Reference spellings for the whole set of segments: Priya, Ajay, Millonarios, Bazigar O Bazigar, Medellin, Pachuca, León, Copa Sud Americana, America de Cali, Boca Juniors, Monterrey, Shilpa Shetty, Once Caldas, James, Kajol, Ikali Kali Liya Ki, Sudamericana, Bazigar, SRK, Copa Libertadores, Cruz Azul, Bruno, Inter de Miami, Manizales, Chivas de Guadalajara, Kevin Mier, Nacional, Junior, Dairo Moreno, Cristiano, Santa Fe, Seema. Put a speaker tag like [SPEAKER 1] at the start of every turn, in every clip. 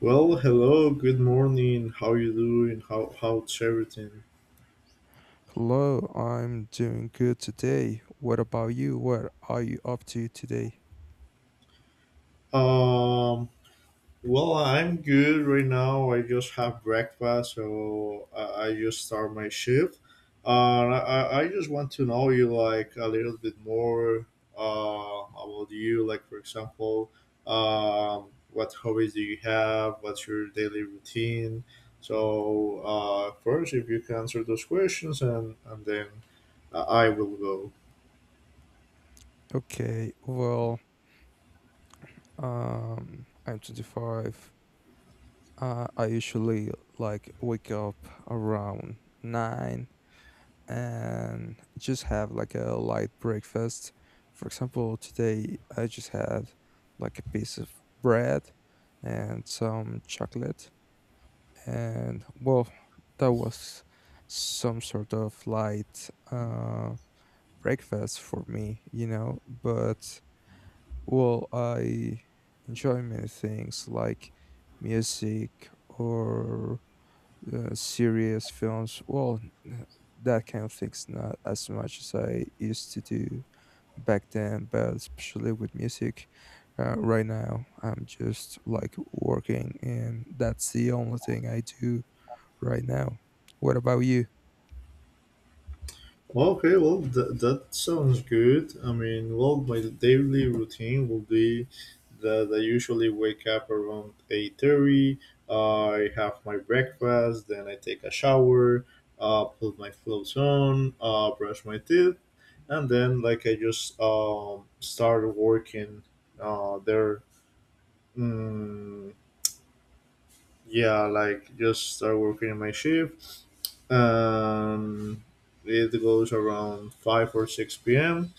[SPEAKER 1] Well, hello, good morning. How you doing? How's everything?
[SPEAKER 2] Hello, I'm doing good today. What about you? What are you up to today?
[SPEAKER 1] Um, well, I'm good right now. I just have breakfast, so I just start my shift. I just want to know you like a little bit more about you. Like, for example, what hobbies do you have? What's your daily routine? So first, if you can answer those questions, and then I will go.
[SPEAKER 2] Okay, well, I'm 25. I usually like wake up around 9 and just have like a light breakfast. For example, today I just had like a piece of bread and some chocolate, and well, that was some sort of light breakfast for me. But well, I enjoy many things like music or serious films. Well, that kind of thing's not as much as I used to do back then, but especially with music. Right now, I'm just like working, and that's the only thing I do right now. What about you?
[SPEAKER 1] Well, okay, well, that sounds good. I mean, well, my daily routine will be that I usually wake up around 8:30. I have my breakfast, then I take a shower, put my clothes on, brush my teeth, and then, like, I just start working there. Mm, yeah, like, just start working in my shift. Um, it goes around 5 or 6 p.m.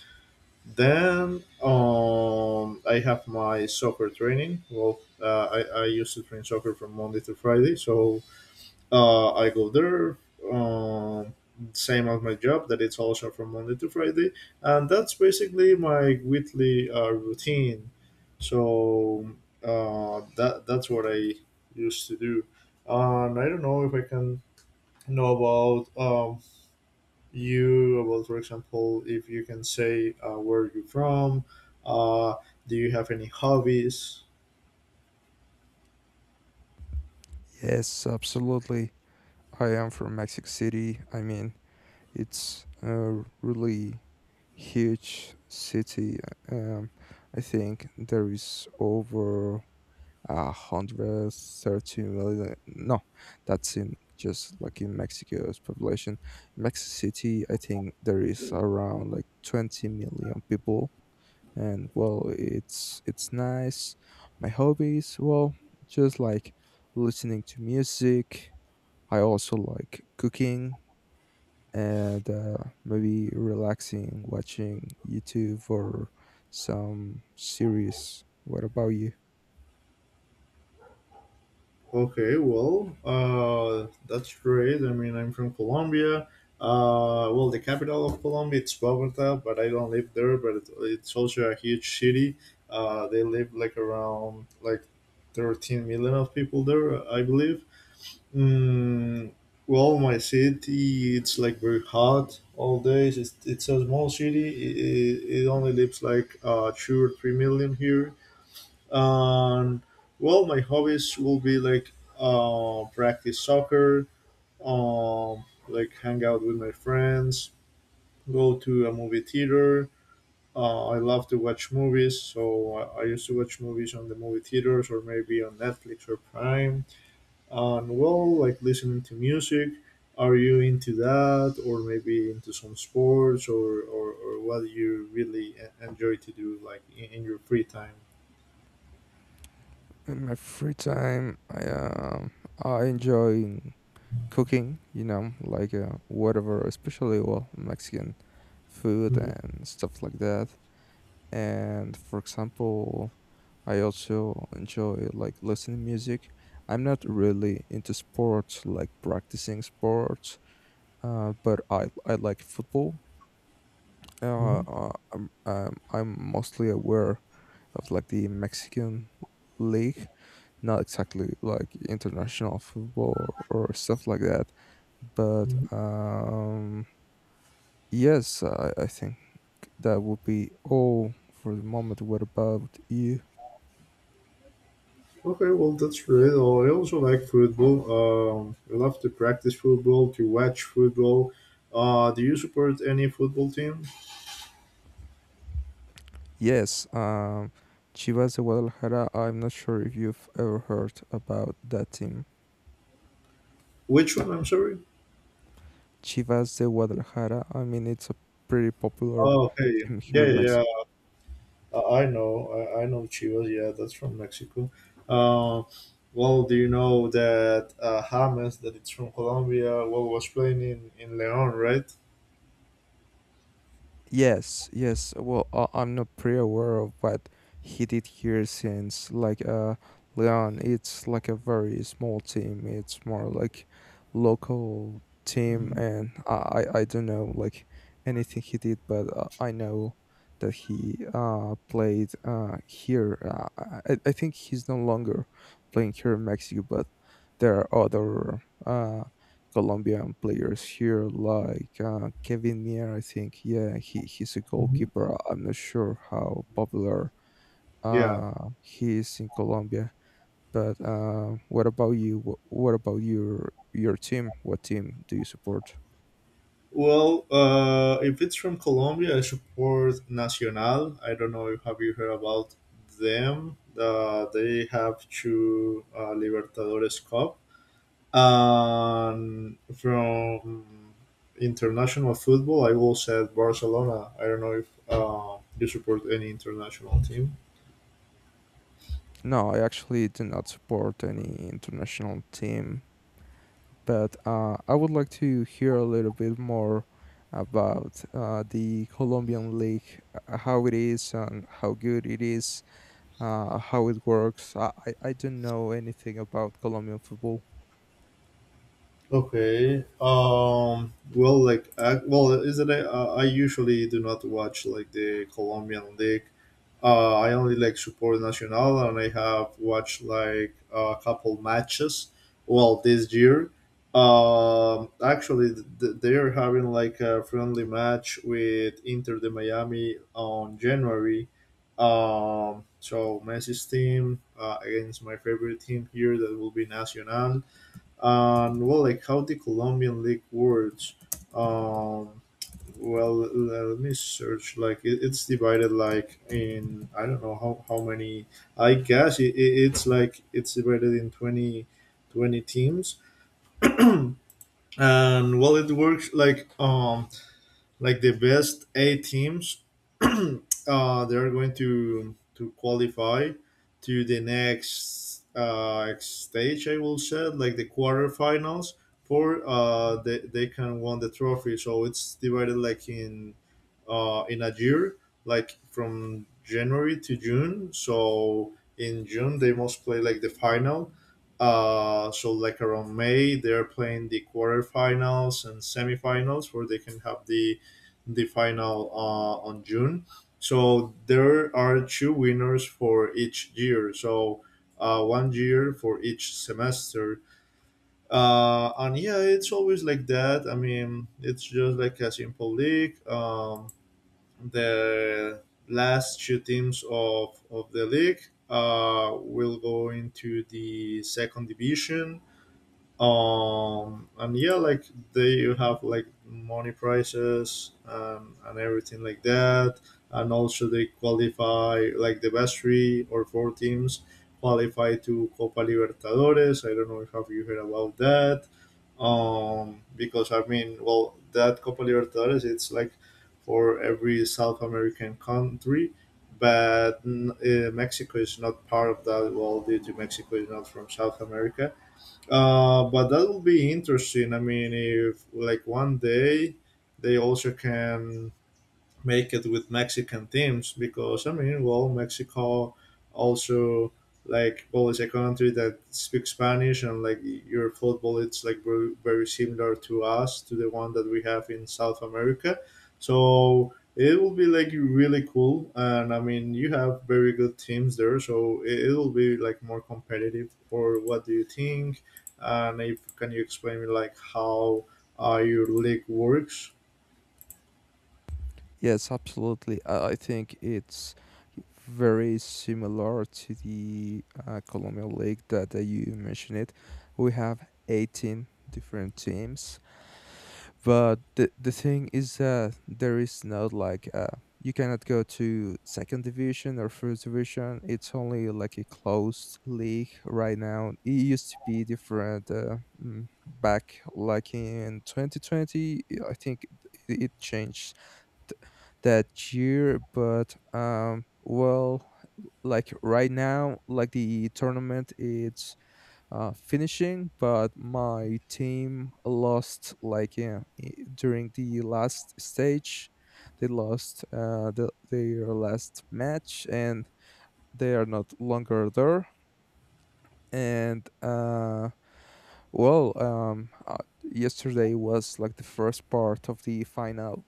[SPEAKER 1] Then I have my soccer training. Well, I used to train soccer from Monday to Friday, so I go there. Um, Same as my job, that it's also from Monday to Friday, and that's basically my weekly routine. So that's what I used to do, and I don't know if I can know about you, about, for example, if you can say where you're from, uh, do you have any hobbies?
[SPEAKER 2] Yes, absolutely. I am from Mexico City. I mean, it's a really huge city. Um, I think there is over 130 million. No, that's in just like in Mexico's population. In Mexico City, I think there is around like 20 million people. And well, it's nice. My hobbies, well, just like listening to music. I also like cooking and maybe relaxing, watching YouTube or some series. What about you?
[SPEAKER 1] Okay, well, that's great. I mean, I'm from Colombia. Well, the capital of Colombia it's Bogota, but I don't live there, but it's also a huge city. They live like around like 13 million of people there, I believe. Mm, well, my city, it's like very hot all days. It's a small city. It only lives like 2 or 3 million here. And well, my hobbies will be like practice soccer, like hang out with my friends, go to a movie theater. I love to watch movies, so I used to watch movies on the movie theaters or maybe on Netflix or Prime, and well, like listening to music. Are you into that, or maybe into some sports, or what do you really enjoy to do, like in your free time?
[SPEAKER 2] In my free time, I enjoy cooking. You know, like whatever, especially well Mexican food
[SPEAKER 1] Hmm.
[SPEAKER 2] and stuff like that. And for example, I also enjoy like listening music. I'm not really into sports, like practicing sports, but I like football.
[SPEAKER 1] Hmm.
[SPEAKER 2] I'm mostly aware of like the Mexican league, not exactly like international football or stuff like that. But
[SPEAKER 1] Hmm.
[SPEAKER 2] yes, I think that would be all for the moment. What about you?
[SPEAKER 1] Okay, well, that's great. Oh, I also like football. I love to practice football, to watch football. Do you support any football team?
[SPEAKER 2] Yes, Chivas de Guadalajara. I'm not sure if you've ever heard about that team.
[SPEAKER 1] Which one? I'm sorry.
[SPEAKER 2] Chivas de Guadalajara. I mean, it's a pretty popular
[SPEAKER 1] Oh, okay.
[SPEAKER 2] team here
[SPEAKER 1] Yeah,
[SPEAKER 2] in
[SPEAKER 1] yeah,
[SPEAKER 2] Mexico.
[SPEAKER 1] yeah. I know Chivas. Yeah, that's from Mexico. Uh, well, do you know that James, that it's from Colombia, well, was playing in Leon, right?
[SPEAKER 2] Yes, yes. Well, I'm not pretty aware of what he did here since, like, Leon, it's like a very small team. It's more like local team, and I don't know, like, anything he did, but I know that he played here. I think he's no longer playing here in Mexico, but there are other Colombian players here, like Kevin Mier. I think, yeah, he's a
[SPEAKER 1] Mhm.
[SPEAKER 2] goalkeeper. I'm not sure how popular
[SPEAKER 1] Yeah.
[SPEAKER 2] he is in Colombia. But what about you? What about your team? What team do you support?
[SPEAKER 1] Well, if it's from Colombia, I support Nacional. I don't know if have you heard about them. They have two Libertadores Cup. And from international football, I will say Barcelona. I don't know if you support any international team.
[SPEAKER 2] No, I actually do not support any international team, but I would like to hear a little bit more about the Colombian league, how it is and how good it is, how it works. I don't know anything about Colombian football.
[SPEAKER 1] Okay. Well, like, I, well, is it? I usually do not watch like the Colombian league. I only like support Nacional, and I have watched like a couple matches. Well, this year, actually, they're having like a friendly match with Inter de Miami on January. So Messi's team against my favorite team here, that will be Nacional. And well, like how the Colombian league works. Um, well, let me search. Like it's divided like in, I don't know how many. I guess it's like it's divided in 20, 20 teams. And well, it works like the best 8 teams they're going to qualify to the next stage, I will say like the quarterfinals, for they can win the trophy. So it's divided like in a year, like from January to June, so in June they must play like the final. So like around May, they're playing the quarterfinals and semifinals, where they can have the final on June. So there are 2 winners for each year. So one year for each semester. And yeah, it's always like that. I mean, it's just like a simple league. The last 2 teams of the league will go into the second division. Um, and yeah, like they, you have like money prices and everything like that, and also they qualify like the best three or four teams qualify to Copa Libertadores. I don't know if have you heard about that. Um, because I mean, well, that Copa Libertadores, it's like for every South American country. But mm, Mexico is not part of that, well, due to Mexico is not from South America. Uh, but that will be interesting. I mean, if like one day they also can make it with Mexican teams, because I mean, well, Mexico also, like, well, it's a country that speaks Spanish and like your football, it's like very, very similar to us, to the one that we have in South America. So it will be like really cool, and I mean, you have very good teams there, so it will be like more competitive. Or what do you think? And if can you explain me like how your league works?
[SPEAKER 2] Yes, absolutely. I think it's very similar to the Colombian league that you mentioned it. We have 18 different teams. But the thing is that there is no like you cannot go to second division or first division. It's only like a closed league right now. It used to be different back like in 2020. I think it changed th- that year, but well, like right now, like the tournament it's finishing, but my team lost, like, yeah, during the last stage. They lost their last match and they are not longer there. And well, yesterday was like the first part of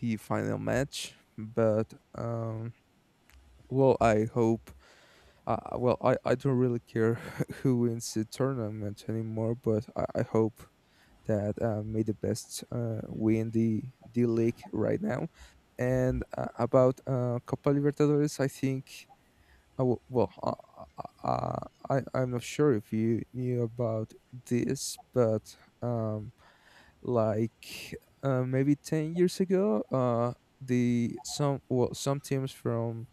[SPEAKER 2] the final match. But well, I hope. Well, I don't really care who wins the tournament anymore, but I hope that made the best win the league right now. And about Copa Libertadores, I think. Well, I'm not sure if you knew about this, but um, like maybe 10 years ago the some, well, some teams from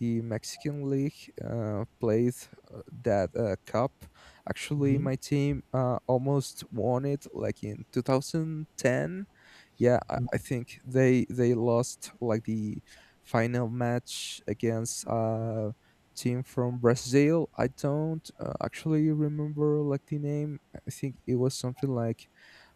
[SPEAKER 2] the Mexican league played that cup. Actually
[SPEAKER 1] Mhm.
[SPEAKER 2] my team almost won it like in 2010. Yeah, I think they lost like the final match against team from Brazil. I don't actually remember like the name. I think it was something like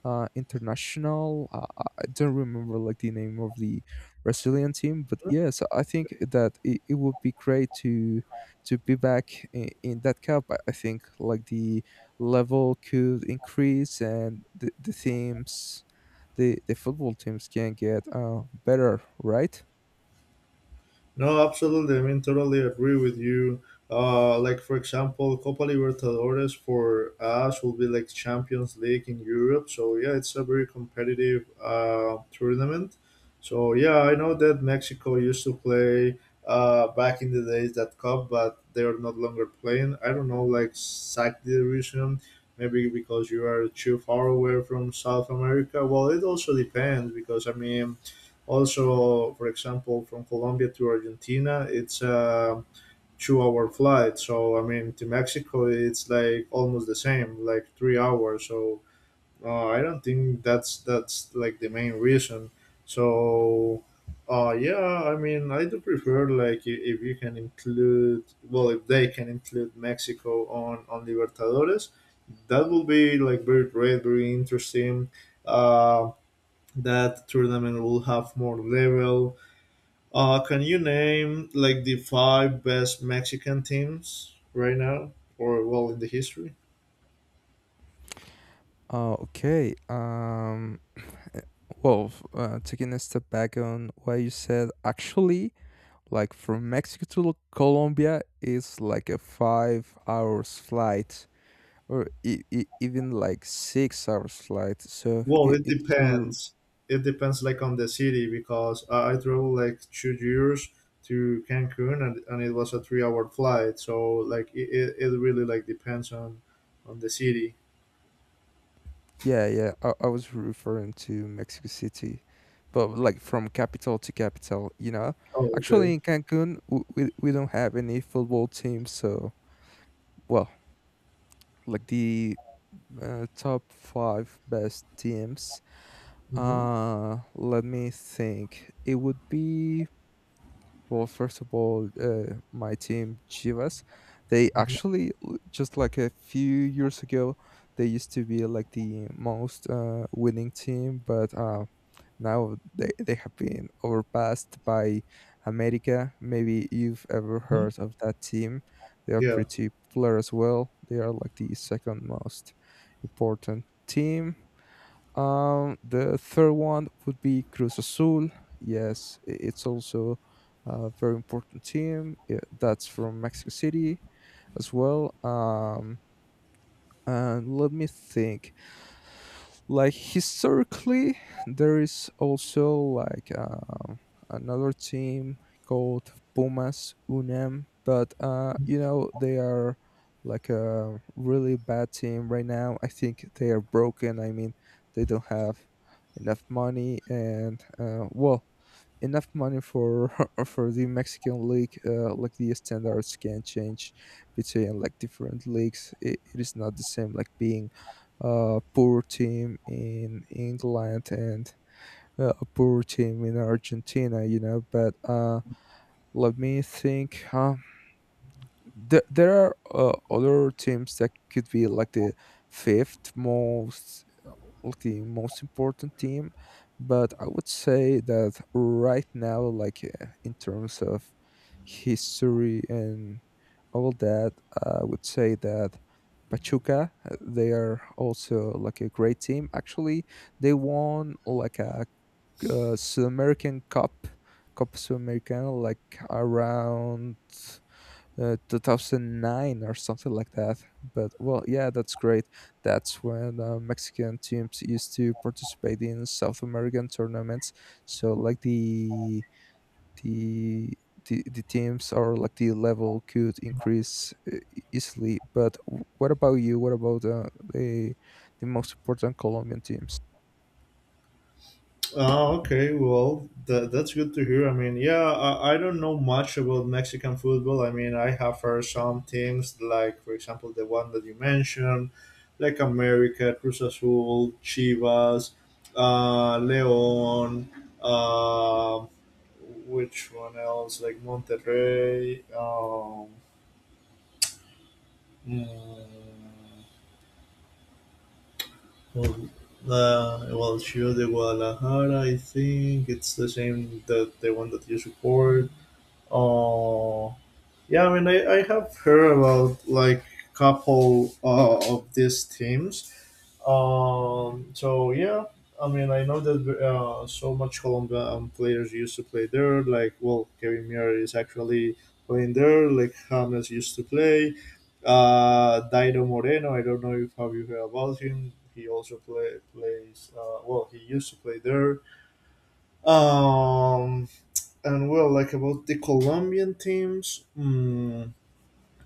[SPEAKER 2] International. I don't remember like the name of the Brazilian team, but yes, I think that it would be great to be back in that cup. I think like the level could increase and the teams, the football teams can get better, right?
[SPEAKER 1] No, absolutely. I mean, totally agree with you. Like, for example, Copa Libertadores for us will be like Champions League in Europe. So yeah, it's a very competitive tournament. So yeah, I know that Mexico used to play back in the days that cup, but they are not longer playing. I don't know, like exactly the reason. Maybe because you are too far away from South America. Well, it also depends, because I mean also, for example, from Colombia to Argentina, it's a 2-hour flight. So I mean, to Mexico, it's like almost the same, like 3 hours. So I don't think that's like the main reason. So yeah, I mean, I do prefer like if you can include, well, if they can include Mexico on Libertadores, that will be like very great, very interesting. Uh, that tournament will have more level. Can you name like the five best Mexican teams right now, or well in the history?
[SPEAKER 2] Okay. Well, taking a step back on what you said, actually, like from Mexico to Colombia is like a 5 hours flight or even like 6 hours flight. So
[SPEAKER 1] Well,
[SPEAKER 2] it,
[SPEAKER 1] it
[SPEAKER 2] it's
[SPEAKER 1] depends. It depends like on the city, because I traveled like 2 years to Cancun, and it was a 3-hour flight. So like it really like depends on the city.
[SPEAKER 2] yeah, yeah. I was referring to Mexico City, but like from capital to capital.
[SPEAKER 1] Oh,
[SPEAKER 2] Actually,
[SPEAKER 1] okay.
[SPEAKER 2] in Cancun, we don't have any football team, so well, like the top five best teams.
[SPEAKER 1] Mm-hmm.
[SPEAKER 2] Let me think. It would be. Well, first of all, my team Chivas, they actually just like a few years ago, they used to be like the most winning team, but now they have been overpassed by America. Maybe you've ever
[SPEAKER 1] Hmm.
[SPEAKER 2] heard of that team. They are
[SPEAKER 1] Yeah.
[SPEAKER 2] pretty popular as well. They are like the second most important team. The third one would be Cruz Azul. Yes, it's also a very important team. Yeah, that's from Mexico City as well. And let me think, like historically there is also like another team called Pumas Unem, but they are like a really bad team right now. I think they are broken. I mean they don't have enough money, and well, enough money for for the Mexican league, like the standards can change between like different leagues. It is not the same like being a poor team in England and a poor team in Argentina. But let me think. Huh? There are other teams that could be like the fifth most important team. But I would say that right now, like in terms of history and all that, I would say that Pachuca, they are also like a great team. Actually, they won like a Sud American Cup, Copa Sud Americana, like around 2009 or something like that. But well, yeah, that's great. That's when Mexican teams used to participate in South American tournaments. So like the the teams or like the level could increase easily. But what about you? What about the the most important Colombian teams?
[SPEAKER 1] Oh, okay. Well, that, that's good to hear. I mean, yeah, I don't know much about Mexican football. I mean, I have heard some teams, like, for example, the one that you mentioned, like America, Cruz Azul, Chivas, León, uh, which one else? Like Monterrey. Mm, well, well, Chivas de Guadalajara, I think it's the same that the one that you support. Oh, yeah. I mean, I have heard about like couple of these teams. So yeah, I mean, I know that so much Colombian players used to play there. Like, well, Kevin Muir is actually playing there. Like James used to play. Dairo Moreno. I don't know if have you heard about him. He also plays. Well, he used to play there. Um, and well, like about the Colombian teams, mm,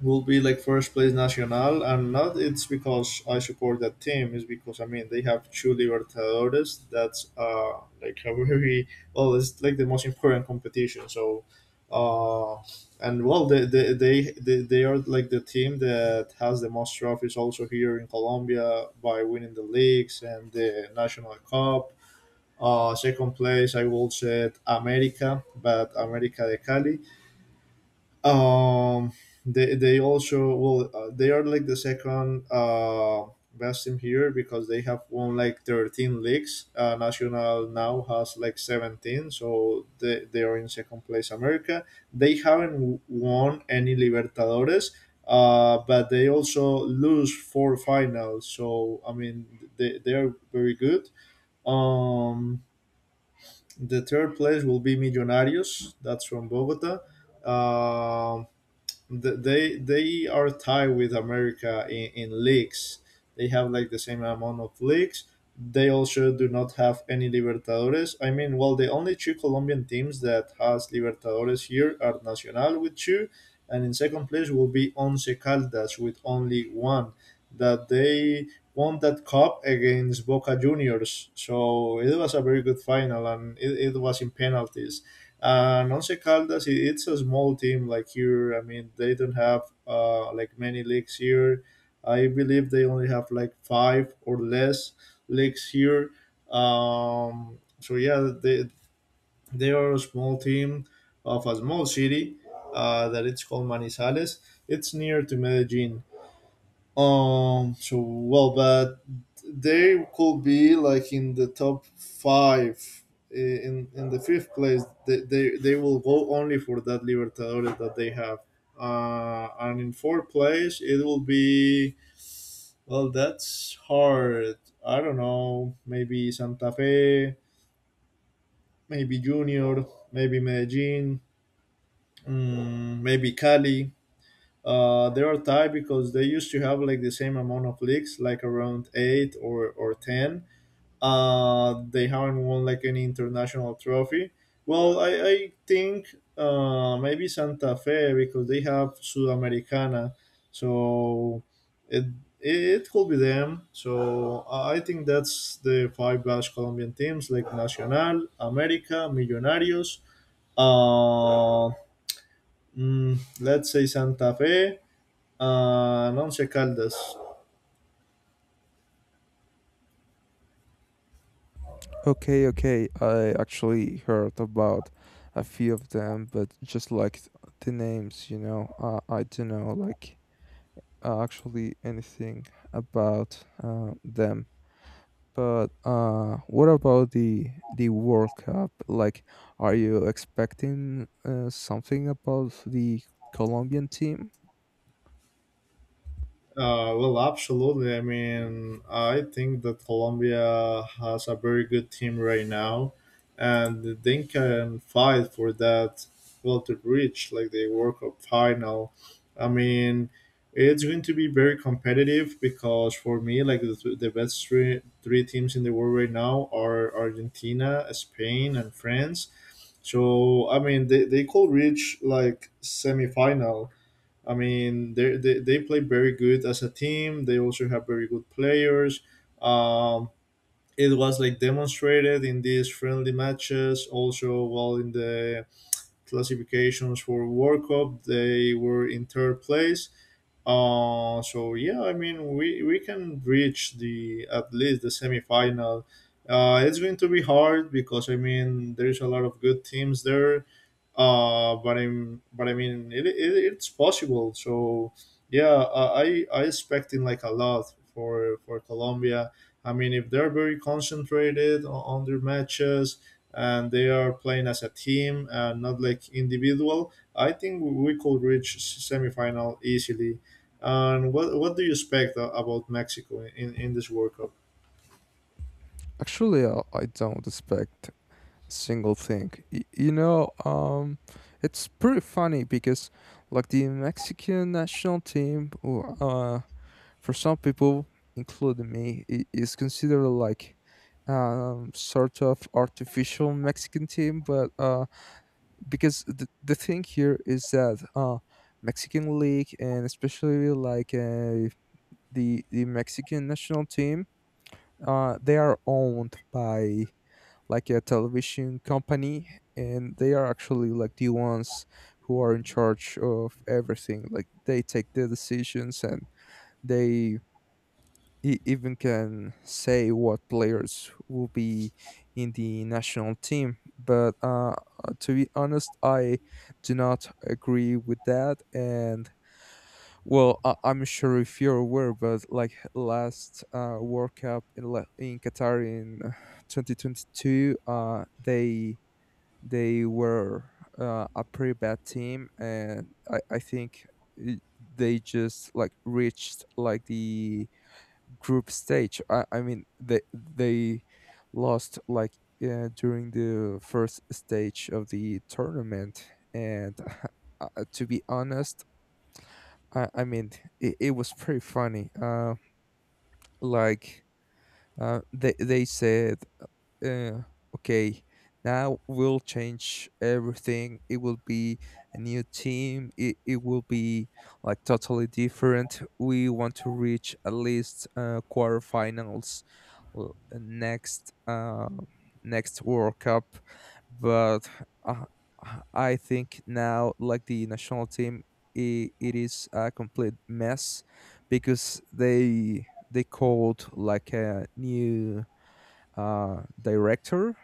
[SPEAKER 1] will be like first place Nacional, and not it's because I support that team. It's because I mean they have two Libertadores. That's like a very, well, it's like the most important competition. So, uh, and well, they are like the team that has the most trophies also here in Colombia by winning the leagues and the national cup. Second place, I will set America, but America de Cali. Um, they also, well, they are like the second best team here because they have won like 13 leagues. National now has like 17, so they are in second place. America, they haven't won any Libertadores, but they also lose four finals, so I mean they are very good. Um, the third place will be Millonarios, that's from Bogota. Um, they are tied with America in leagues. They have like the same amount of leagues. They also do not have any Libertadores. I mean, well, the only two Colombian teams that has Libertadores here are Nacional with two, and in second place will be Once Caldas with only one. That they won that cup against Boca Juniors. So it was a very good final, and it was in penalties. And Once Caldas, it's a small team like here. I mean, they don't have like many leagues here. I believe they only have like five or less leagues here. So yeah, they are a small team of a small city that it's called Manizales. It's near to Medellin. So well, but they could be like in the top five in the fifth place. They will go only for that Libertadores that they have. And in fourth place, it will be well. That's hard. I don't know. Maybe Santa Fe. Maybe Junior. Maybe Medellin. Maybe Cali. They are tied because they used to have like the same amount of leagues, like around eight or 10. They haven't won like any international trophy. Well, I think maybe Santa Fe because they have Sudamericana, so it it could be them. So I think that's the five Basque Colombian teams like Nacional, America, Millonarios. Uh, let's say Santa Fe, Nonce Caldas.
[SPEAKER 2] Okay, okay. I actually heard about a few of them, but just like the names, I don't know, like actually anything about them. But what about the World Cup? Like, are you expecting something about the Colombian team?
[SPEAKER 1] Well, absolutely. I mean, I think that Colombia has a very good team right now, and they can fight for that. Well, to reach like the World Cup final. I mean, it's going to be very competitive because for me, like the best three teams in the world right now are Argentina, Spain, and France. So I mean, they could reach like semifinal. I mean, they play very good as a team. They also have very good players. Um, it was like demonstrated in these friendly matches. Also, well, in the classifications for World Cup, they were in third place. So yeah, I mean, we can reach the at least the semifinal. It's going to be hard because I mean, there's a lot of good teams there. But I mean, it's possible, so yeah. I expecting like a lot for Colombia. I mean, if they're very concentrated on their matches, and they are playing as a team and not like individual, I think we could reach semifinal easily. And what do you expect about Mexico in this World Cup?
[SPEAKER 2] Actually, I don't expect a single thing. It's pretty funny because like the Mexican national team, for some people, including me, it is considered like sort of artificial Mexican team. But because the thing here is that Mexican league and especially like the Mexican national team, they are owned by like a television company, and they are actually like the ones who are in charge of everything. Like they take the decisions and they he even can say what players will be in the national team. But to be honest, I do not agree with that. And well, I'm sure if you're aware, but like last World Cup in Qatar in 2022, they were a pretty bad team, and I think uh, they just like reached like the group stage. I mean, they lost like during the first stage of the tournament, and uh, to be honest, I mean, it was pretty funny. Like they said, uh, "Okay, now we'll change everything. It will be a new team. It will be like totally different. We want to reach at least quarterfinals l- next uh, next World Cup, but." Uh, I think now, like the national team, it is a complete mess because they called like a new director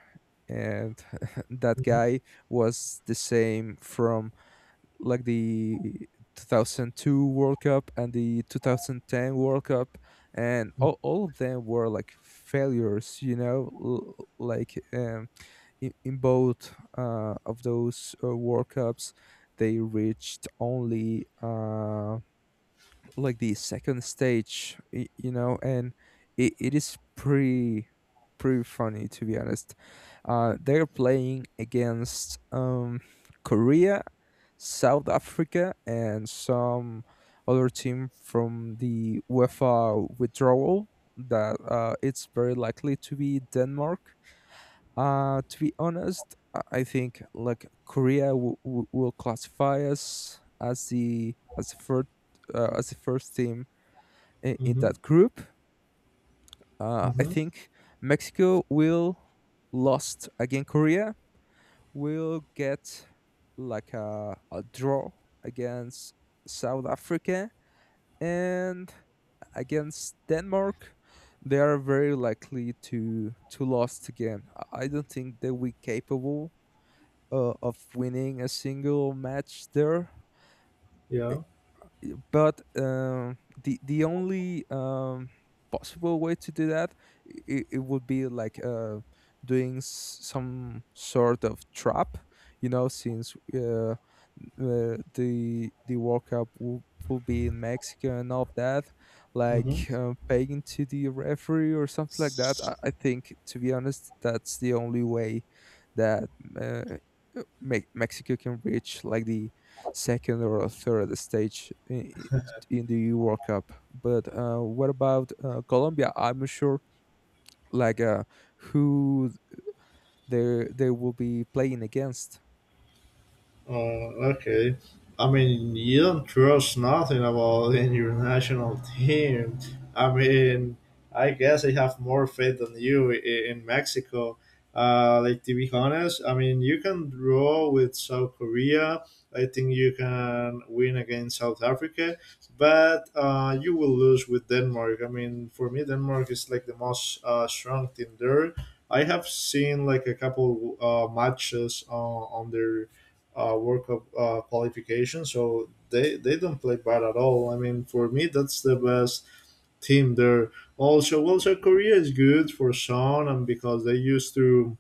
[SPEAKER 2] and that
[SPEAKER 1] Hmm.
[SPEAKER 2] guy was the same from like the 2002 World Cup and the 2010 World Cup, and all of them were like failures, like, in both of those World Cups they reached only like the second stage, and it is pretty funny, to be honest. They're playing against Korea, South Africa, and some other team from the UEFA withdrawal. That it's very likely to be Denmark. To be honest, I think like Korea will classify us as the first team in
[SPEAKER 1] Hmm.
[SPEAKER 2] that group. I
[SPEAKER 1] Hmm.
[SPEAKER 2] think Mexico will lost against Korea. Will get like a draw against South Africa and against Denmark. They are very likely to lost again. I don't think they will be capable of winning a single match there.
[SPEAKER 1] Yeah.
[SPEAKER 2] But the only possible way to do that, it would be like doing some sort of trap, since the World Cup will be in Mexico and all of that,
[SPEAKER 1] Hmm.
[SPEAKER 2] like paying to the referee or something like that. I think, to be honest, that's the only way that uh, Mexico can reach like the second or a third stage in the EU World Cup. But what about Colombia? I'm not sure, like who they will be playing against.
[SPEAKER 1] Okay. I mean, you don't trust nothing about the international team. I mean, I guess I have more faith than you in Mexico. Like to be honest, I mean, you can draw with South Korea. I think you can win against South Africa, but you will lose with Denmark. I mean, for me, Denmark is like the most strong team there. I have seen like a couple matches on their World Cup qualification. So they don't play bad at all. I mean, for me, that's the best team there. Also, well, South Korea is good for some, and because they used to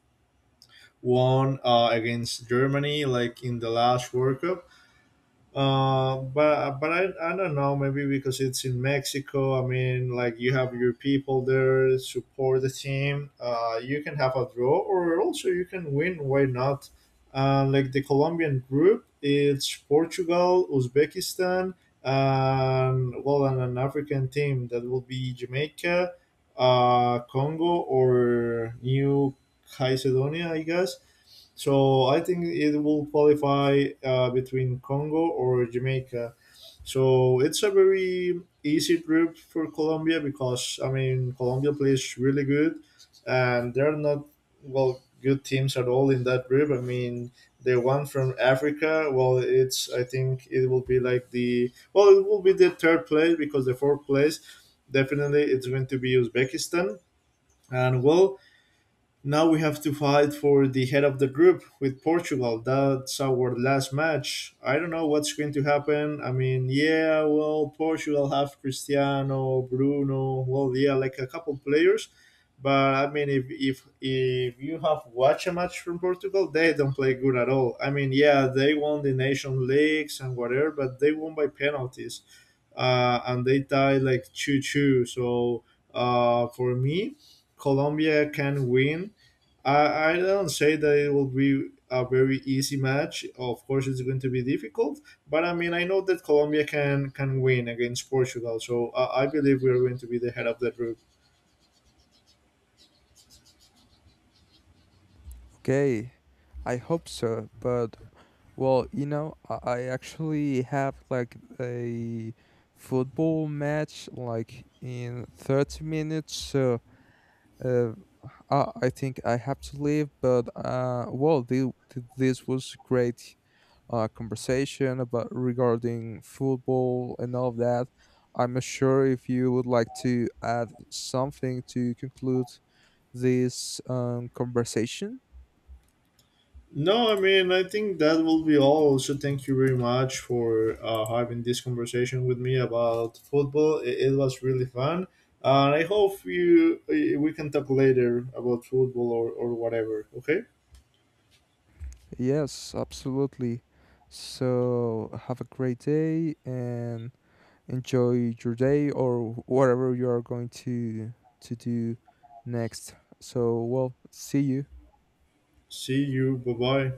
[SPEAKER 1] won against Germany like in the last World Cup. But I don't know, maybe because it's in Mexico, I mean, like you have your people there support the team, you can have a draw, or also you can win, why not. Like the Colombian group, it's Portugal, Uzbekistan, and an African team that will be Jamaica, Congo, or New Caledonia, I guess. So I think it will qualify between Congo or Jamaica. So it's a very easy trip for Colombia because I mean Colombia plays really good, and they're not well good teams at all in that group. I mean, the one from Africa. Well, it's I think it will be like the, well, it will be the third place because the fourth place definitely it's going to be Uzbekistan. And well, now we have to fight for the head of the group with Portugal. That's our last match. I don't know what's going to happen. I mean, yeah, well, Portugal have Cristiano, Bruno, well, yeah, like a couple players. But I mean, if you have watched a match from Portugal, they don't play good at all. I mean, yeah, they won the nation leagues and whatever, but they won by penalties, and they tied like 2-2. So for me, Colombia can win. I don't say that it will be a very easy match. Of course, it's going to be difficult, but I mean, I know that Colombia can win against Portugal, so I believe we are going to be the head of the group.
[SPEAKER 2] Okay, I hope so. But well, I actually have like a football match like in 30 minutes, so uh, I think I have to leave, but well, this was great conversation about, regarding football and all of that. I'm not sure if you would like to add something to conclude this conversation.
[SPEAKER 1] No, I mean, I think that will be all. Also, thank you very much for having this conversation with me about football. It was really fun, and I hope you we can talk later about football or whatever. Okay,
[SPEAKER 2] Yes, absolutely. So have a great day and enjoy your day or whatever you are going to do next. So well, see you.
[SPEAKER 1] see you. Bye bye.